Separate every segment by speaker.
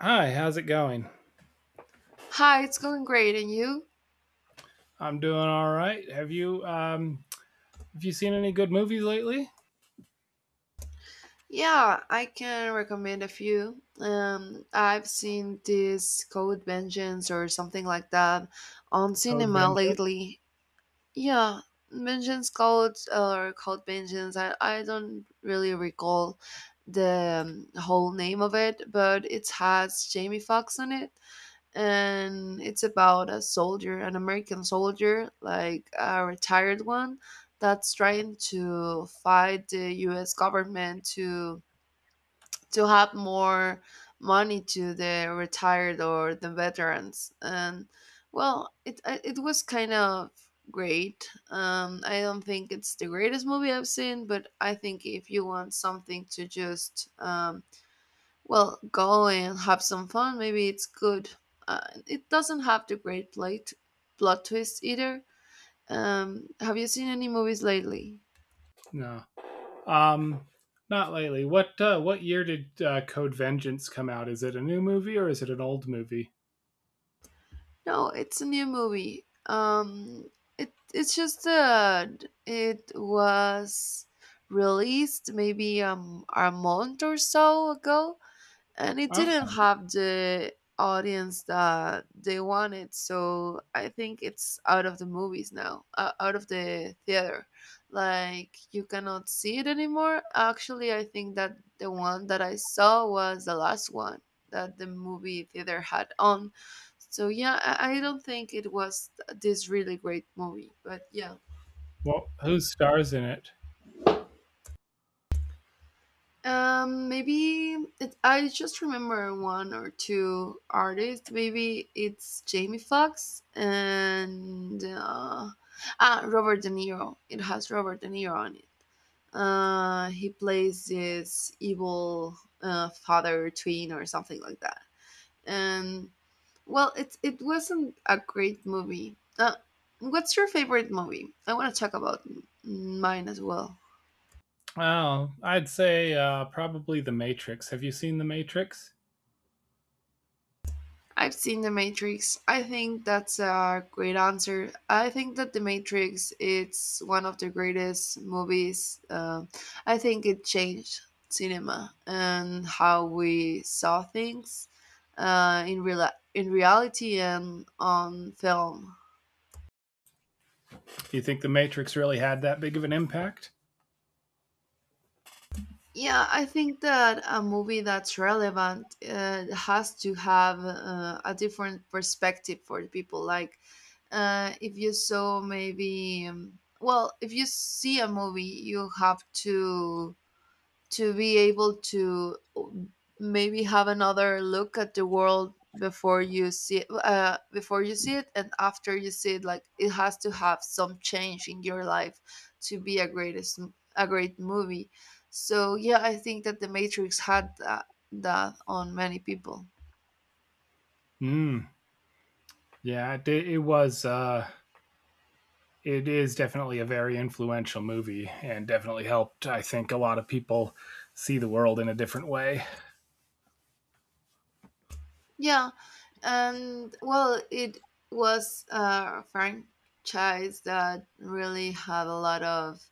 Speaker 1: Hi, how's it going?
Speaker 2: Hi, it's going great, and you?
Speaker 1: I'm doing all right. Have you seen any good movies lately?
Speaker 2: Yeah, I can recommend a few. I've seen this Code Vengeance or something like that on
Speaker 1: Code
Speaker 2: cinema
Speaker 1: Vengeance?
Speaker 2: lately. Yeah, Vengeance Code or Code Vengeance. I don't really recall the whole name of it, but it has Jamie Foxx on it. And it's about a soldier, an American soldier, like a retired one, that's trying to fight the U.S. government to have more money to the retired or the veterans. And well, it was kind of great. I don't think it's the greatest movie I've seen, but I think if you want something to just well, go and have some fun. Maybe it's good. Uh, it doesn't have the plot twist either. Have you seen any movies lately?
Speaker 1: No. Um Not lately. What year did Code Vengeance come out? Is it a new movie or is it an old movie?
Speaker 2: No, it's a new movie. It's just that it was released maybe a month or so ago. And it didn't
Speaker 1: Okay.
Speaker 2: have the audience that they wanted, so I think it's out of the movies now, out of the theater, like you cannot see it anymore. Actually, I think that the one that I saw was the last one that the movie theater had on. So yeah, I don't think it was this really great movie, but yeah.
Speaker 1: Well, who stars in it?
Speaker 2: Maybe I just remember one or two artists. Maybe it's Jamie Foxx and Robert De Niro. It has Robert De Niro on it. He plays this evil father twin or something like that. And well, it wasn't a great movie. What's your favorite movie? I want to talk about mine as well.
Speaker 1: Oh, I'd say probably The Matrix. Have you seen The Matrix?
Speaker 2: I've seen The Matrix. I think that's a great answer. I think that The Matrix, it's one of the greatest movies. I think it changed cinema and how we saw things uh, in real in reality and on film.
Speaker 1: Do you think The Matrix really had that big of an impact?
Speaker 2: Yeah, I think that a movie that's relevant has to have a different perspective for the people. Like if you saw maybe well, if you see a movie, you have to be able to maybe have another look at the world before you see it, and after you see it. Like it has to have some change in your life to be a great movie. So yeah, I think that the Matrix had that, that on many people.
Speaker 1: Hmm. Yeah, it was it is definitely a very influential movie and definitely helped, I think, a lot of people see the world in a different way.
Speaker 2: Yeah, and well, it was a franchise that really had a lot of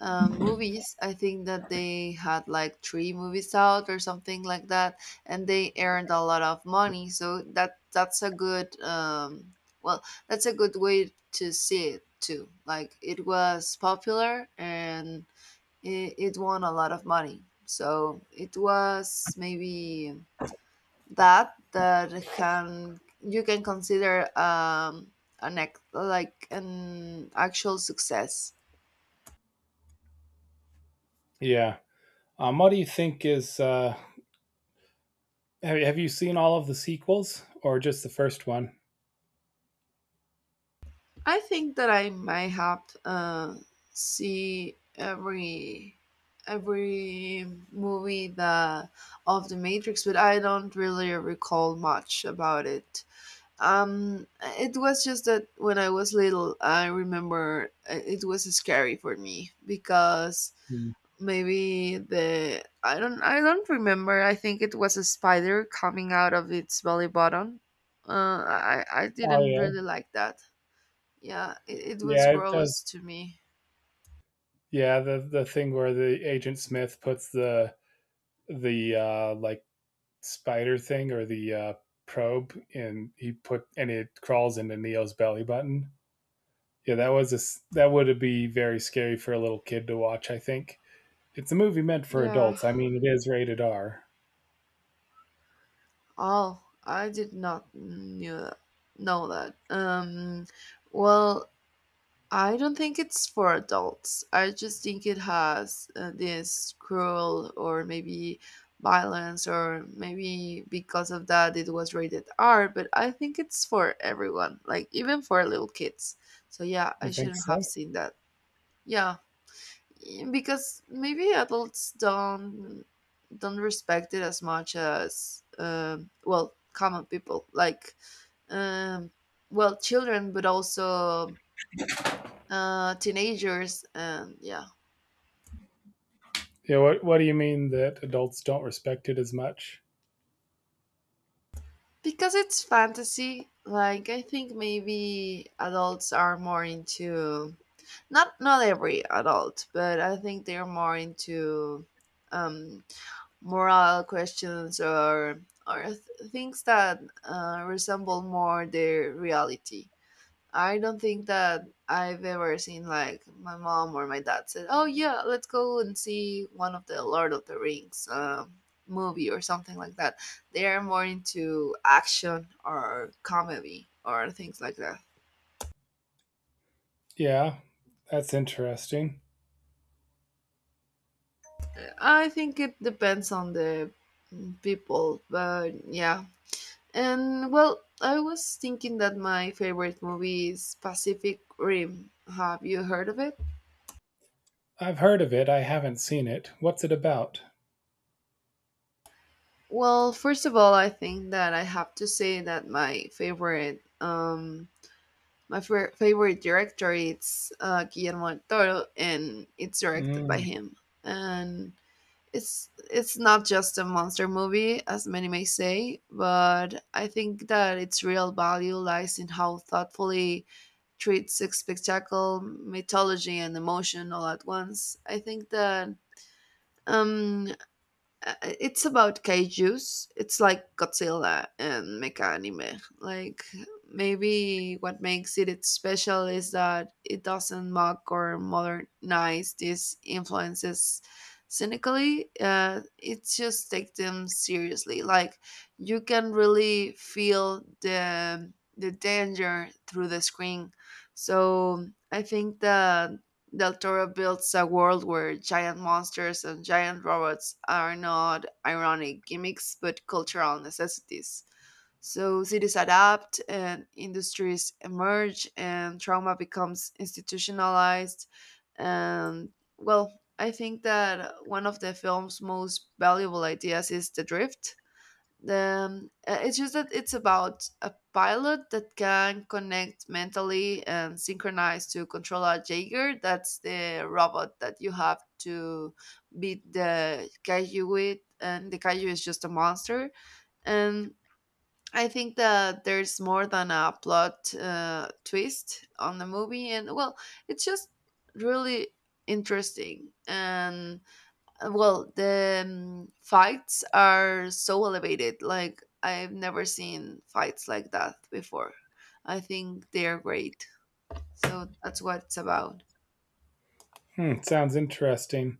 Speaker 2: movies. I think that they had like three movies out or something like that, and they earned a lot of money. So that's a good well, that's a good way to see it too. Like it was popular and it won a lot of money. So it was maybe that can you can consider like an actual success.
Speaker 1: Yeah. What do you think is. Have you seen all of the sequels or just the first one?
Speaker 2: I think that I might have see every every movie the of the Matrix, but I don't really recall much about it. um it was just that when I was little, I remember, it was scary for me because
Speaker 1: Mm.
Speaker 2: maybe the— I don't remember. I think it was a spider coming out of its belly button. I
Speaker 1: Oh,
Speaker 2: didn't really
Speaker 1: yeah.
Speaker 2: like that. Yeah, it was
Speaker 1: Yeah, it
Speaker 2: gross
Speaker 1: does.
Speaker 2: to me.
Speaker 1: Yeah, the thing where the Agent Smith puts the spider thing or the probe and he put and it crawls into Neo's belly button. Yeah, that was a s- that would be very scary for a little kid to watch. I think. It's a movie meant for
Speaker 2: Yeah.
Speaker 1: adults. I mean, it is rated R.
Speaker 2: Oh, I did not know that. Well, I don't think it's for adults. I just think it has this cruel or maybe violence, or maybe because of that it was rated R, but I think it's for everyone, like even for little kids. So yeah, I
Speaker 1: You think
Speaker 2: shouldn't have
Speaker 1: so?
Speaker 2: seen that. Yeah, because maybe adults don't respect it as much as well, common people like um, well, children, but also teenagers and yeah.
Speaker 1: Yeah. What do you mean that adults don't respect it as much?
Speaker 2: Because it's fantasy. Like I think maybe adults are more into— not every adult, but I think they're more into um moral questions or things that resemble more their reality. I don't think that I've ever seen like my mom or my dad said, "Oh yeah, let's go and see one of the Lord of the Rings movie or something like that." They are more into action or comedy or things like that.
Speaker 1: Yeah, that's interesting.
Speaker 2: I think it depends on the people, but yeah. And well, I was thinking that my favorite movie is Pacific Rim. Have you heard of it?
Speaker 1: I've heard of it. I haven't seen it. What's it about?
Speaker 2: Well, first of all, I think that I have to say that my favorite, favorite director is Guillermo del Toro, and it's directed by
Speaker 1: Mm,
Speaker 2: him. And it's not just a monster movie, as many may say, but I think that its real value lies in how thoughtfully treats spectacle, mythology, and emotion all at once. I think that um it's about kaijus. It's like Godzilla and mecha anime. Like maybe what makes it its special is that it doesn't mock or modernize these influences cynically. It just takes them seriously. Like you can really feel the danger through the screen. So I think that Del Toro builds a world where giant monsters and giant robots are not ironic gimmicks but cultural necessities. So cities adapt and industries emerge and trauma becomes institutionalized. And well, I think that one of the film's most valuable ideas is the drift. It's just that it's about a pilot that can connect mentally and synchronize to controller Jaeger. That's the robot that you have to beat the kaiju with, and the kaiju is just a monster. And I think that there's more than a plot twist on the movie, and well, it's just really interesting and well, the fights are so elevated. Like I've never seen fights like that before. I think they are great. So that's what it's about.
Speaker 1: hmm, sounds interesting.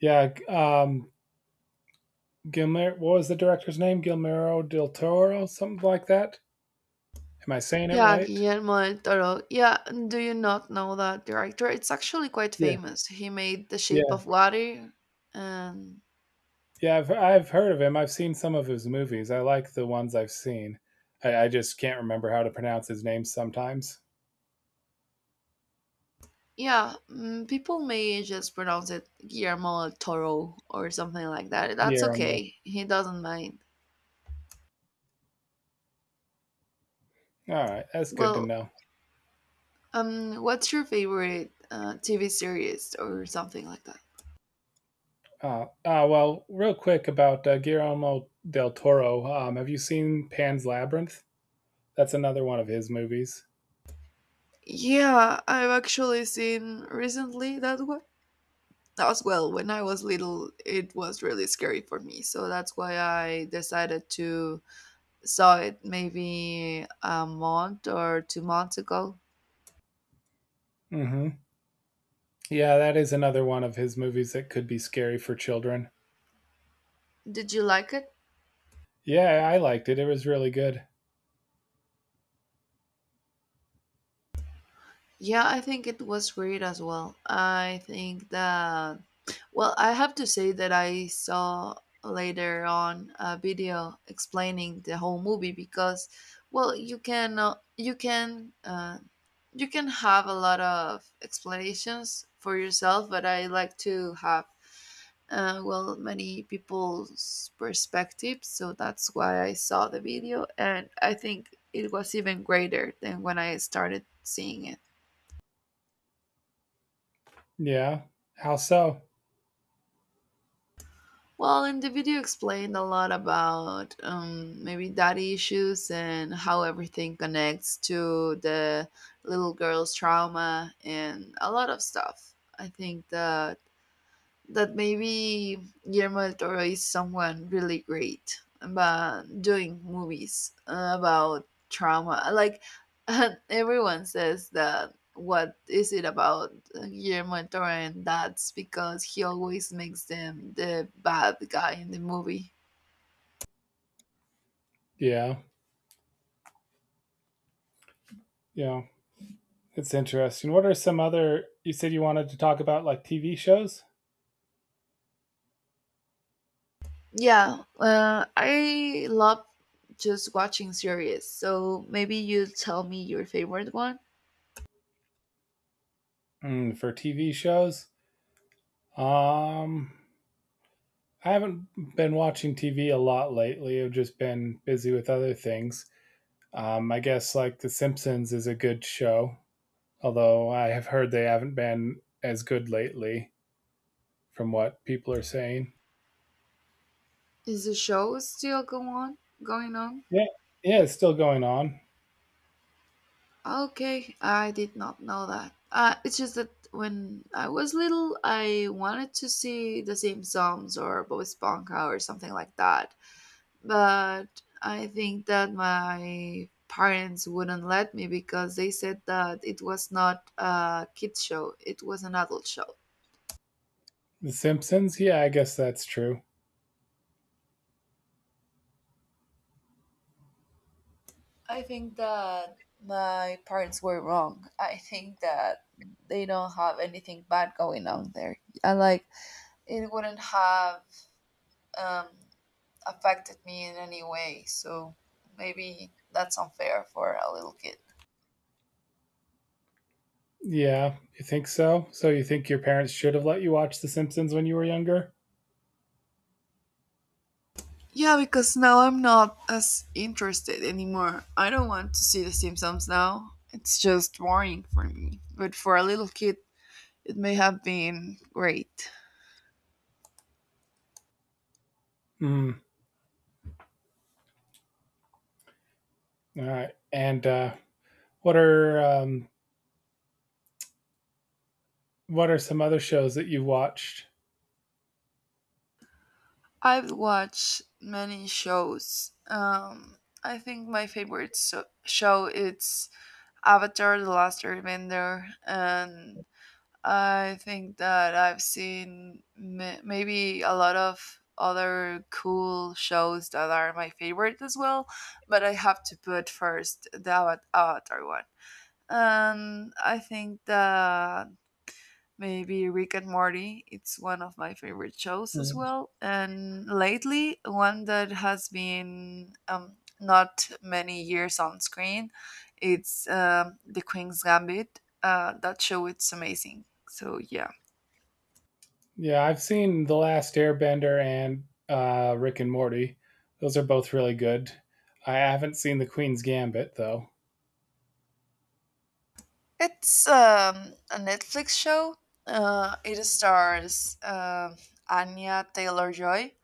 Speaker 1: Yeah. g- Um. Gilmer. What was the director's name? Guillermo del Toro, something like that. Am I saying it
Speaker 2: Yeah,
Speaker 1: right?
Speaker 2: Guillermo del Toro. Yeah, and do you not know that director? It's actually quite
Speaker 1: Yeah.
Speaker 2: famous. He made The Shape
Speaker 1: Yeah.
Speaker 2: of Water, and
Speaker 1: Yeah, I've heard of him. I've seen some of his movies. I like the ones I've seen. I just can't remember how to pronounce his name sometimes.
Speaker 2: yeah, people may just pronounce it Guillermo del Toro or something like that. That's
Speaker 1: Guillermo.
Speaker 2: okay. He doesn't mind.
Speaker 1: All right, that's good to
Speaker 2: Well,
Speaker 1: know.
Speaker 2: What's your favorite TV series or something like that?
Speaker 1: Well, real quick about Guillermo del Toro. Have you seen Pan's Labyrinth? That's another one of his movies.
Speaker 2: Yeah, I've actually seen recently that one as well. When I was little, it was really scary for me, so that's why I decided to saw it maybe a month or two months ago.
Speaker 1: Hmm. Yeah, that is another one of his movies that could be scary for children.
Speaker 2: Did you like it?
Speaker 1: Yeah, I liked it. It was really good.
Speaker 2: Yeah, I think it was great as well. I think that, well, I have to say that I saw later on a video explaining the whole movie because, well, you can have a lot of explanations for yourself, but I like to have well, many people's perspectives, so that's why I saw the video, and I think it was even greater than when I started seeing it.
Speaker 1: Yeah. How so?
Speaker 2: Well, in the video explained a lot about maybe daddy issues and how everything connects to the little girl's trauma and a lot of stuff. I think the that maybe Guillermo del Toro is someone really great about doing movies about trauma. Like everyone says that what is it about Guillermo del Toro, and that's because he always makes them the bad guy in the movie.
Speaker 1: Yeah. Yeah. It's interesting. What are some other? You said you wanted to talk about like TV shows.
Speaker 2: Yeah, I love just watching series. So maybe you tell me your favorite one.
Speaker 1: Mm, for TV shows, um, I haven't been watching TV a lot lately. I've just been busy with other things. I guess like The Simpsons is a good show, although I have heard they haven't been as good lately, from what people are saying.
Speaker 2: Is the show going on?
Speaker 1: Yeah, yeah, it's still going on.
Speaker 2: Okay, I did not know that. It's just that when I was little, I wanted to see The Simpsons or Bob Esponja or something like that. But I think that my parents wouldn't let me because they said that it was not a kids show; it was an adult show.
Speaker 1: The Simpsons. Yeah, I guess that's true.
Speaker 2: I think that my parents were wrong. I think that they don't have anything bad going on there. I like it wouldn't have um, affected me in any way. So maybe that's unfair for a little kid.
Speaker 1: Yeah, you think so? So you think your parents should have let you watch The Simpsons when you were younger?
Speaker 2: Yeah, because now I'm not as interested anymore. I don't want to see The Simpsons now. It's just boring for me. But for a little kid, it may have been great.
Speaker 1: Mm, all right. And what are um, what are some other shows that you've watched?
Speaker 2: I've watched many shows. I think my favorite show is Avatar: The Last Airbender, and I think that I've seen maybe a lot of other cool shows that are my favorite as well, but I have to put first the Avatar one. And I think that maybe Rick and Morty, it's one of my favorite shows as
Speaker 1: Mm.
Speaker 2: well. And lately, one that has been not many years on screen, it's The Queen's Gambit. That show, it's amazing. So yeah.
Speaker 1: Yeah, I've seen The Last Airbender and Rick and Morty. Those are both really good. I haven't seen The Queen's Gambit though.
Speaker 2: It's a Netflix show. It stars Anya Taylor Joy,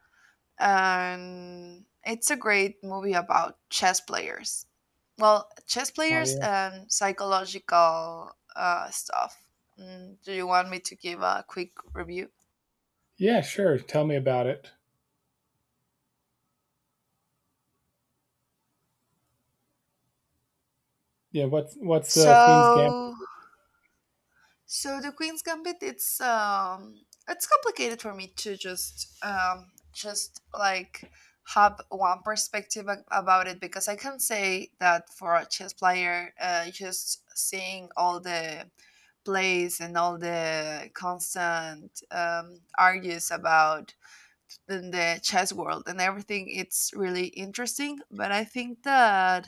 Speaker 2: and it's a great movie about chess players. Well, chess
Speaker 1: Oh
Speaker 2: players
Speaker 1: yeah.
Speaker 2: and psychological stuff. Do you want me to give a quick review?
Speaker 1: Yeah, sure. Tell me about it. Yeah, what's the Queen's Gambit?
Speaker 2: So, So, the Queen's Gambit, it's it's complicated for me to just like have one perspective about it because I can say that for a chess player, just seeing all the plays and all the constant argues about in the chess world and everything, it's really interesting. But I think that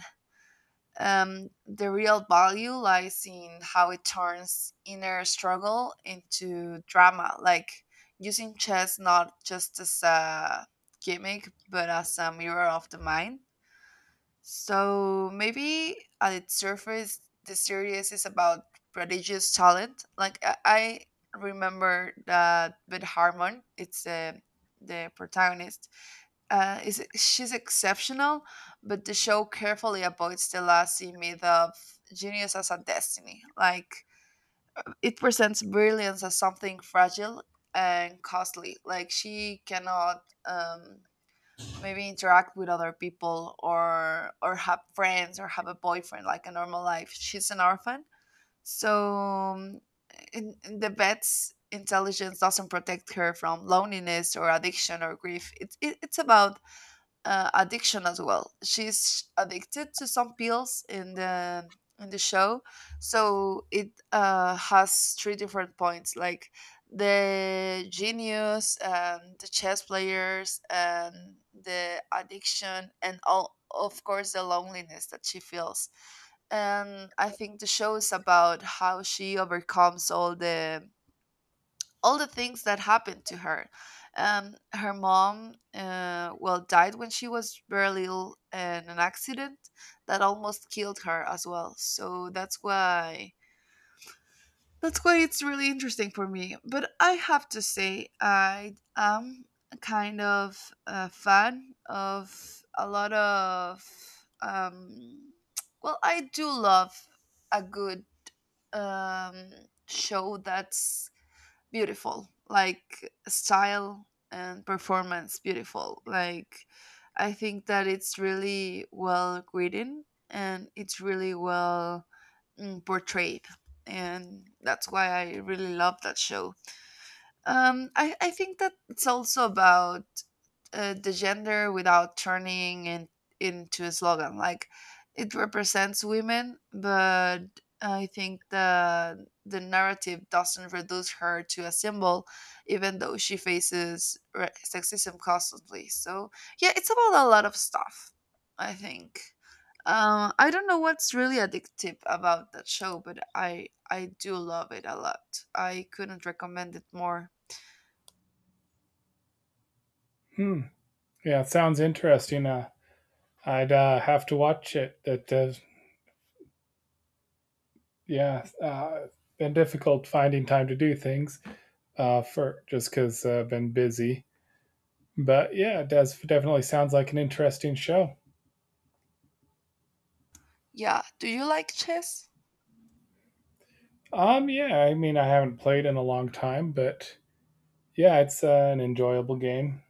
Speaker 2: the real value lies in how it turns inner struggle into drama, like using chess not just as a gimmick, but as a mirror of the mind. So maybe at its surface, the series is about prodigious talent. Like I remember that Beth Harmon, it's the protagonist, is she's exceptional, but the show carefully avoids the lazy myth of genius as a destiny. Like it presents brilliance as something fragile and costly. Like she cannot maybe interact with other people or have friends or have a boyfriend like a normal life. She's an orphan, so in the vet's intelligence doesn't protect her from loneliness or addiction or grief. It's about addiction as well. She's addicted to some pills in the show, so it has three different points, like the genius, and the chess players, and the addiction, and all of course the loneliness that she feels. And I think the show is about how she overcomes all the things that happened to her. Her mom, well, died when she was very little in an accident that almost killed her as well. So that's why it's really interesting for me. But I have to say, I am a kind of a fan of a lot of um, well, I do love a good um, show that's beautiful, like style and performance beautiful, like I think that it's really well written and it's really well, portrayed, and that's why I really love that show. I think that it's also about the gender without turning it into a slogan. Like it represents women, but I think the narrative doesn't reduce her to a symbol, even though she faces sexism constantly. So yeah, it's about a lot of stuff, I think. I don't know what's really addictive about that show, but I do love it a lot. I couldn't recommend it more.
Speaker 1: Hmm. Yeah, it sounds interesting. I'd have to watch it. Yeah, uh, been difficult finding time to do things for just because been busy. But yeah, it does definitely sounds like an interesting show.
Speaker 2: Yeah. Do you like chess?
Speaker 1: Yeah, I mean, I haven't played in a long time, but yeah, it's an enjoyable game.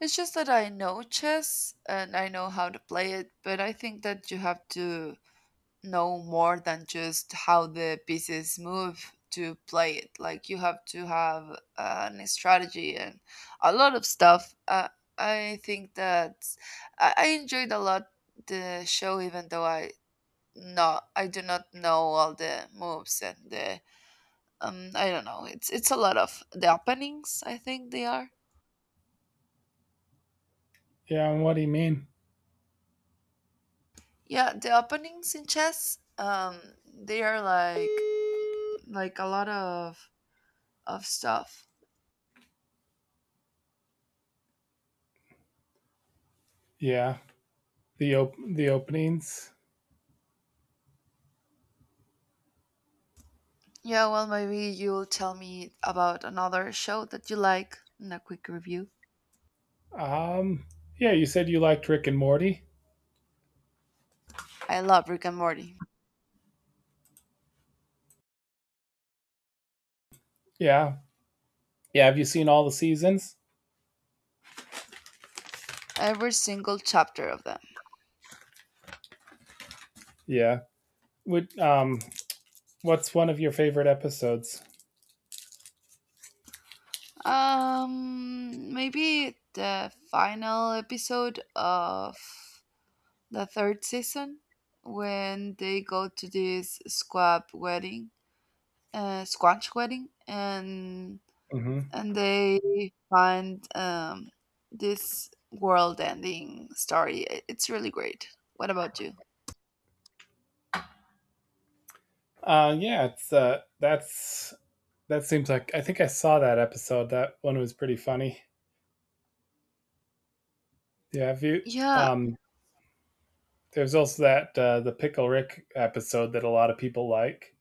Speaker 2: It's just that I know chess and I know how to play it, but I think that you have to know more than just how the pieces move to play it. Like you have to have an strategy and a lot of stuff. I think that I enjoyed a lot the show, even though I, no, I do not know all the moves and the I don't know. It's a lot of the openings, I think they are.
Speaker 1: Yeah, and what do you mean?
Speaker 2: Yeah, the openings in chess, they are like a lot of stuff.
Speaker 1: Yeah, the openings.
Speaker 2: Yeah, well, maybe you'll tell me about another show that you like in a quick review.
Speaker 1: Um, yeah, you said you liked Rick and Morty.
Speaker 2: I love Rick and Morty.
Speaker 1: Yeah, yeah. Have you seen all the seasons?
Speaker 2: Every single chapter of them.
Speaker 1: Yeah. Would what's one of your favorite episodes?
Speaker 2: Maybe the final episode of the third season when they go to this squanch wedding, and
Speaker 1: Hmm.
Speaker 2: they find this world-ending story. It's really great. What about you?
Speaker 1: Yeah, it's that's That seems like I think I saw that episode. That one was pretty funny. Yeah, have you
Speaker 2: Yeah,
Speaker 1: um There's also that the Pickle Rick episode that a lot of people like.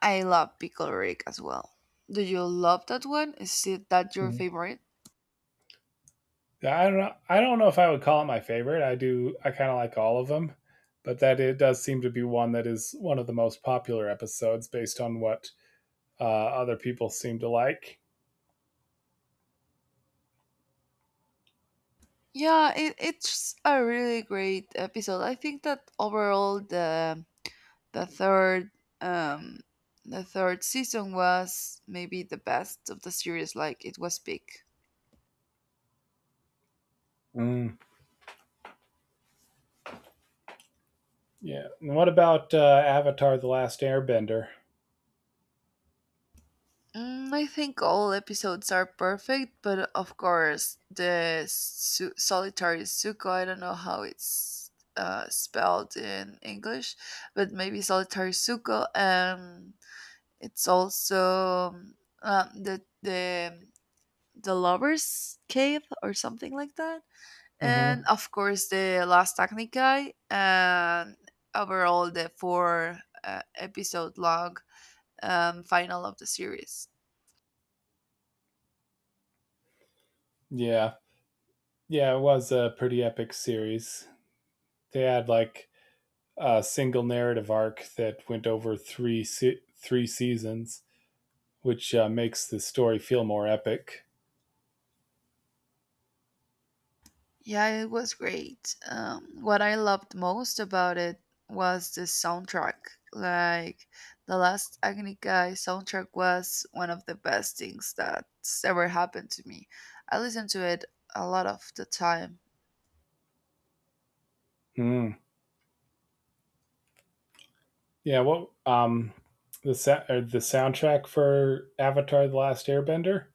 Speaker 2: I love Pickle Rick as well. Do you love that one? Is it that your
Speaker 1: Mm-hmm.
Speaker 2: favorite?
Speaker 1: I don't know. I don't know if I would call it my favorite. I do. I kind of like all of them, but that it does seem to be one that is one of the most popular episodes based on what other people seem to like.
Speaker 2: Yeah, it, it's a really great episode. I think that overall the third um the third season was maybe the best of the series. Like it was big.
Speaker 1: Mm. Yeah. And what about Avatar: The Last Airbender?
Speaker 2: Mm, I think all episodes are perfect, but of course, the su- solitary Suko, I don't know how it's spelled in English, but maybe solitary Suko. It's also uh, the the the lover's cave or something like that, and
Speaker 1: Mm-hmm.
Speaker 2: of course the last Technikai, and overall the four episode long final of the series.
Speaker 1: Yeah, yeah, it was a pretty epic series. They had like a single narrative arc that went over three seasons, which makes the story feel more epic.
Speaker 2: Yeah, it was great. What I loved most about it was the soundtrack. Like the last Agnica soundtrack was one of the best things that's ever happened to me. I listen to it a lot of the time.
Speaker 1: Mm. Yeah, well, the sa- or the soundtrack for Avatar: The Last Airbender.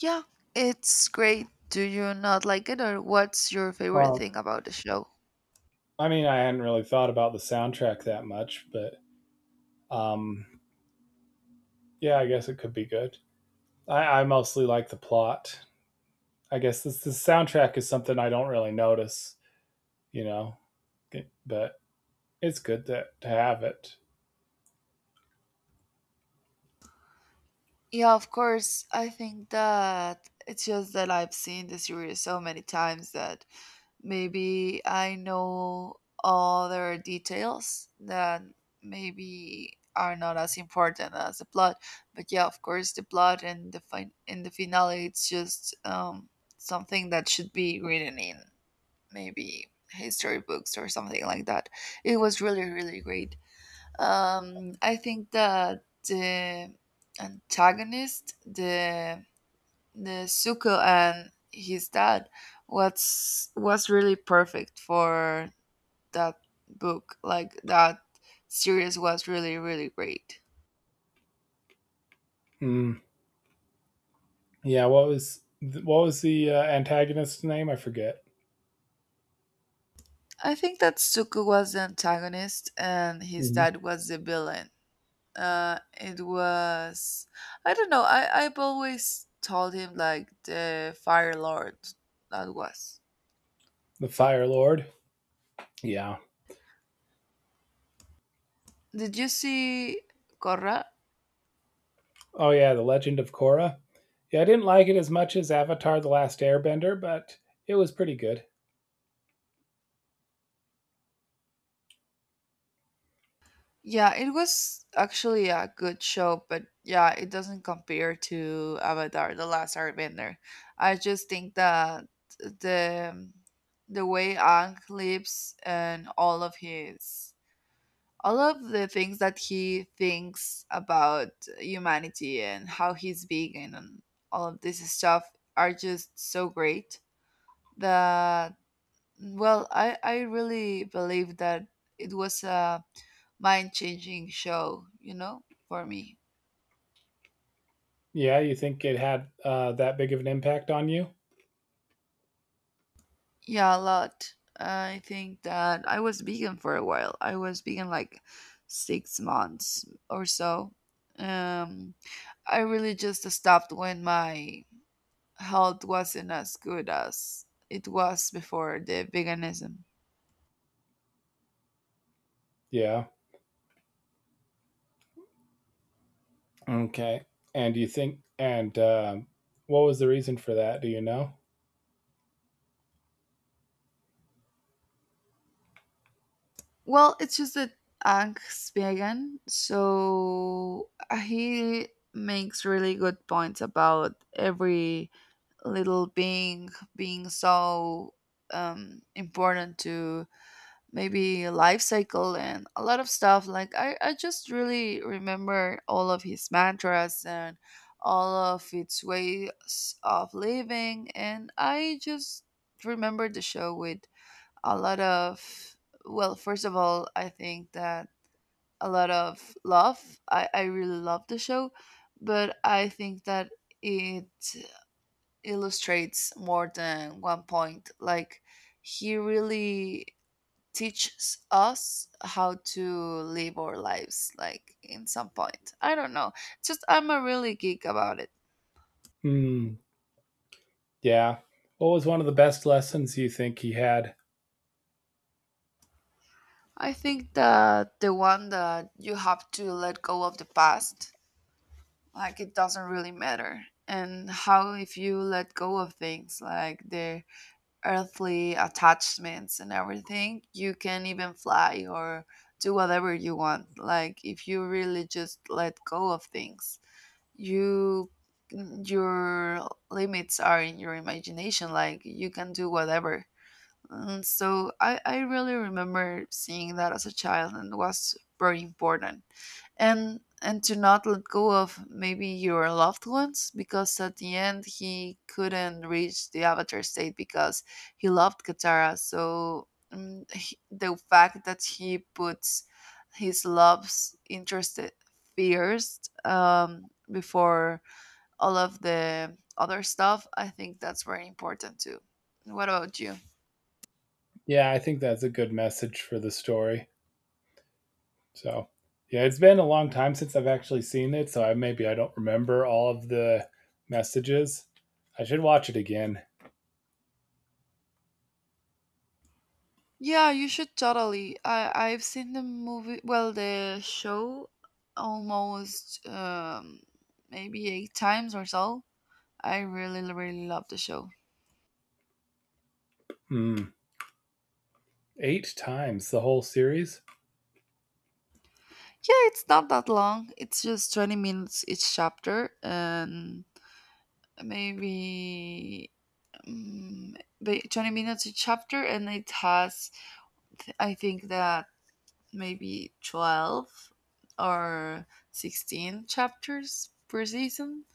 Speaker 2: Yeah, it's great. Do you not like it, or what's your favorite
Speaker 1: Uh,
Speaker 2: thing about the show?
Speaker 1: I mean, I hadn't really thought about the soundtrack that much, but um, yeah, I guess it could be good. I mostly like the plot. I guess this the soundtrack is something I don't really notice, you know, but it's good to have it.
Speaker 2: Yeah, of course. I think that it's just that I've seen the series so many times that maybe I know other details that maybe are not as important as the plot. But yeah, of course, the plot and the fin- in the finale, it's just something that should be written in maybe history books or something like that. It was really, really great. I think that the antagonist, the Nezuko and his dad, was really perfect for that book. Like that series was really really great.
Speaker 1: Mm. Yeah, what was the antagonist's name? I forget.
Speaker 2: I think that Zuko was the antagonist and his
Speaker 1: Mhm.
Speaker 2: dad was the villain. It was, I don't know. I've always told him like the Fire Lord that was.
Speaker 1: The Fire Lord. Yeah.
Speaker 2: Did you see Korra?
Speaker 1: Oh yeah, The Legend of Korra. Yeah, I didn't like it as much as Avatar: The Last Airbender, but it was pretty good.
Speaker 2: Yeah, it was actually a good show, but yeah, it doesn't compare to Avatar: The Last Airbender. I just think that the the way Ang lives and all of the things that he thinks about humanity and how he's vegan and all of this stuff are just so great that, well, I really believe that it was a mind changing show, you know, for me.
Speaker 1: Yeah, you think it had that big of an impact on you?
Speaker 2: Yeah, a lot. I think that I was vegan for a while. I was vegan like 6 months or so. Um, I really just stopped when my health wasn't as good as it was before the veganism.
Speaker 1: Yeah. Okay. And do you think and what was the reason for that? Do you know?
Speaker 2: Well, it's just that Ang's vegan, so he makes really good points about every little being, being so important to maybe life cycle and a lot of stuff. Like I just really remember all of his mantras and all of its ways of living, and I just remember the show with a lot of, well, first of all, I think that a lot of love. I really love the show, but I think that it illustrates more than one point. Like he really teaches us how to live our lives like in some point. I don't know. Just I'm a really geek about it.
Speaker 1: Hmm. Yeah. What was one of the best lessons you think he had?
Speaker 2: I think that the one, that you have to let go of the past, like it doesn't really matter. And how if you let go of things like the earthly attachments and everything, you can even fly or do whatever you want. Like if you really just let go of things, you, your limits are in your imagination. Like you can do whatever. And so I really remember seeing that as a child, and it was very important. And to not let go of maybe your loved ones, because at the end he couldn't reach the avatar state because he loved Katara. So the fact that he puts his love's interest first, before all of the other stuff, I think that's very important too. What about you?
Speaker 1: Yeah, I think that's a good message for the story. So, yeah, it's been a long time since I've actually seen it, so I maybe I don't remember all of the messages. I should watch it again.
Speaker 2: Yeah, you should totally. I've seen the movie, well, the show, almost maybe 8 times or so. I really really love the show.
Speaker 1: Hmm. Eight times the whole series.
Speaker 2: Yeah, it's not that long. It's just 20 minutes each chapter and maybe 20 minutes each chapter, and it has, I think that maybe 12 or 16 chapters per season.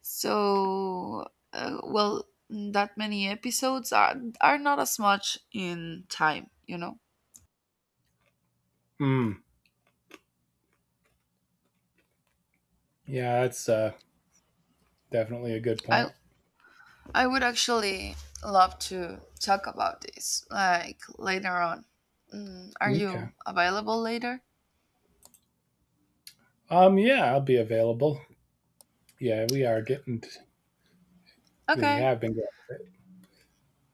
Speaker 2: So, well, that many episodes are not as much in time, you know.
Speaker 1: Hmm. Yeah, that's definitely a good
Speaker 2: I
Speaker 1: point.
Speaker 2: I would actually love to talk about this like later on. Mm, are you
Speaker 1: Okay.
Speaker 2: available later?
Speaker 1: Yeah, I'll be available. Yeah, we are getting. t- we
Speaker 2: Okay,
Speaker 1: have been getting it.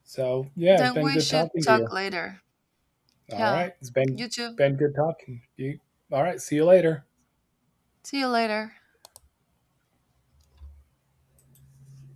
Speaker 1: So yeah, it's
Speaker 2: then
Speaker 1: been
Speaker 2: we
Speaker 1: good
Speaker 2: should
Speaker 1: talking to
Speaker 2: talk
Speaker 1: you.
Speaker 2: later.
Speaker 1: All
Speaker 2: Yeah,
Speaker 1: right, it's
Speaker 2: you too.
Speaker 1: been good talking. You. All right. See you later.
Speaker 2: See you later.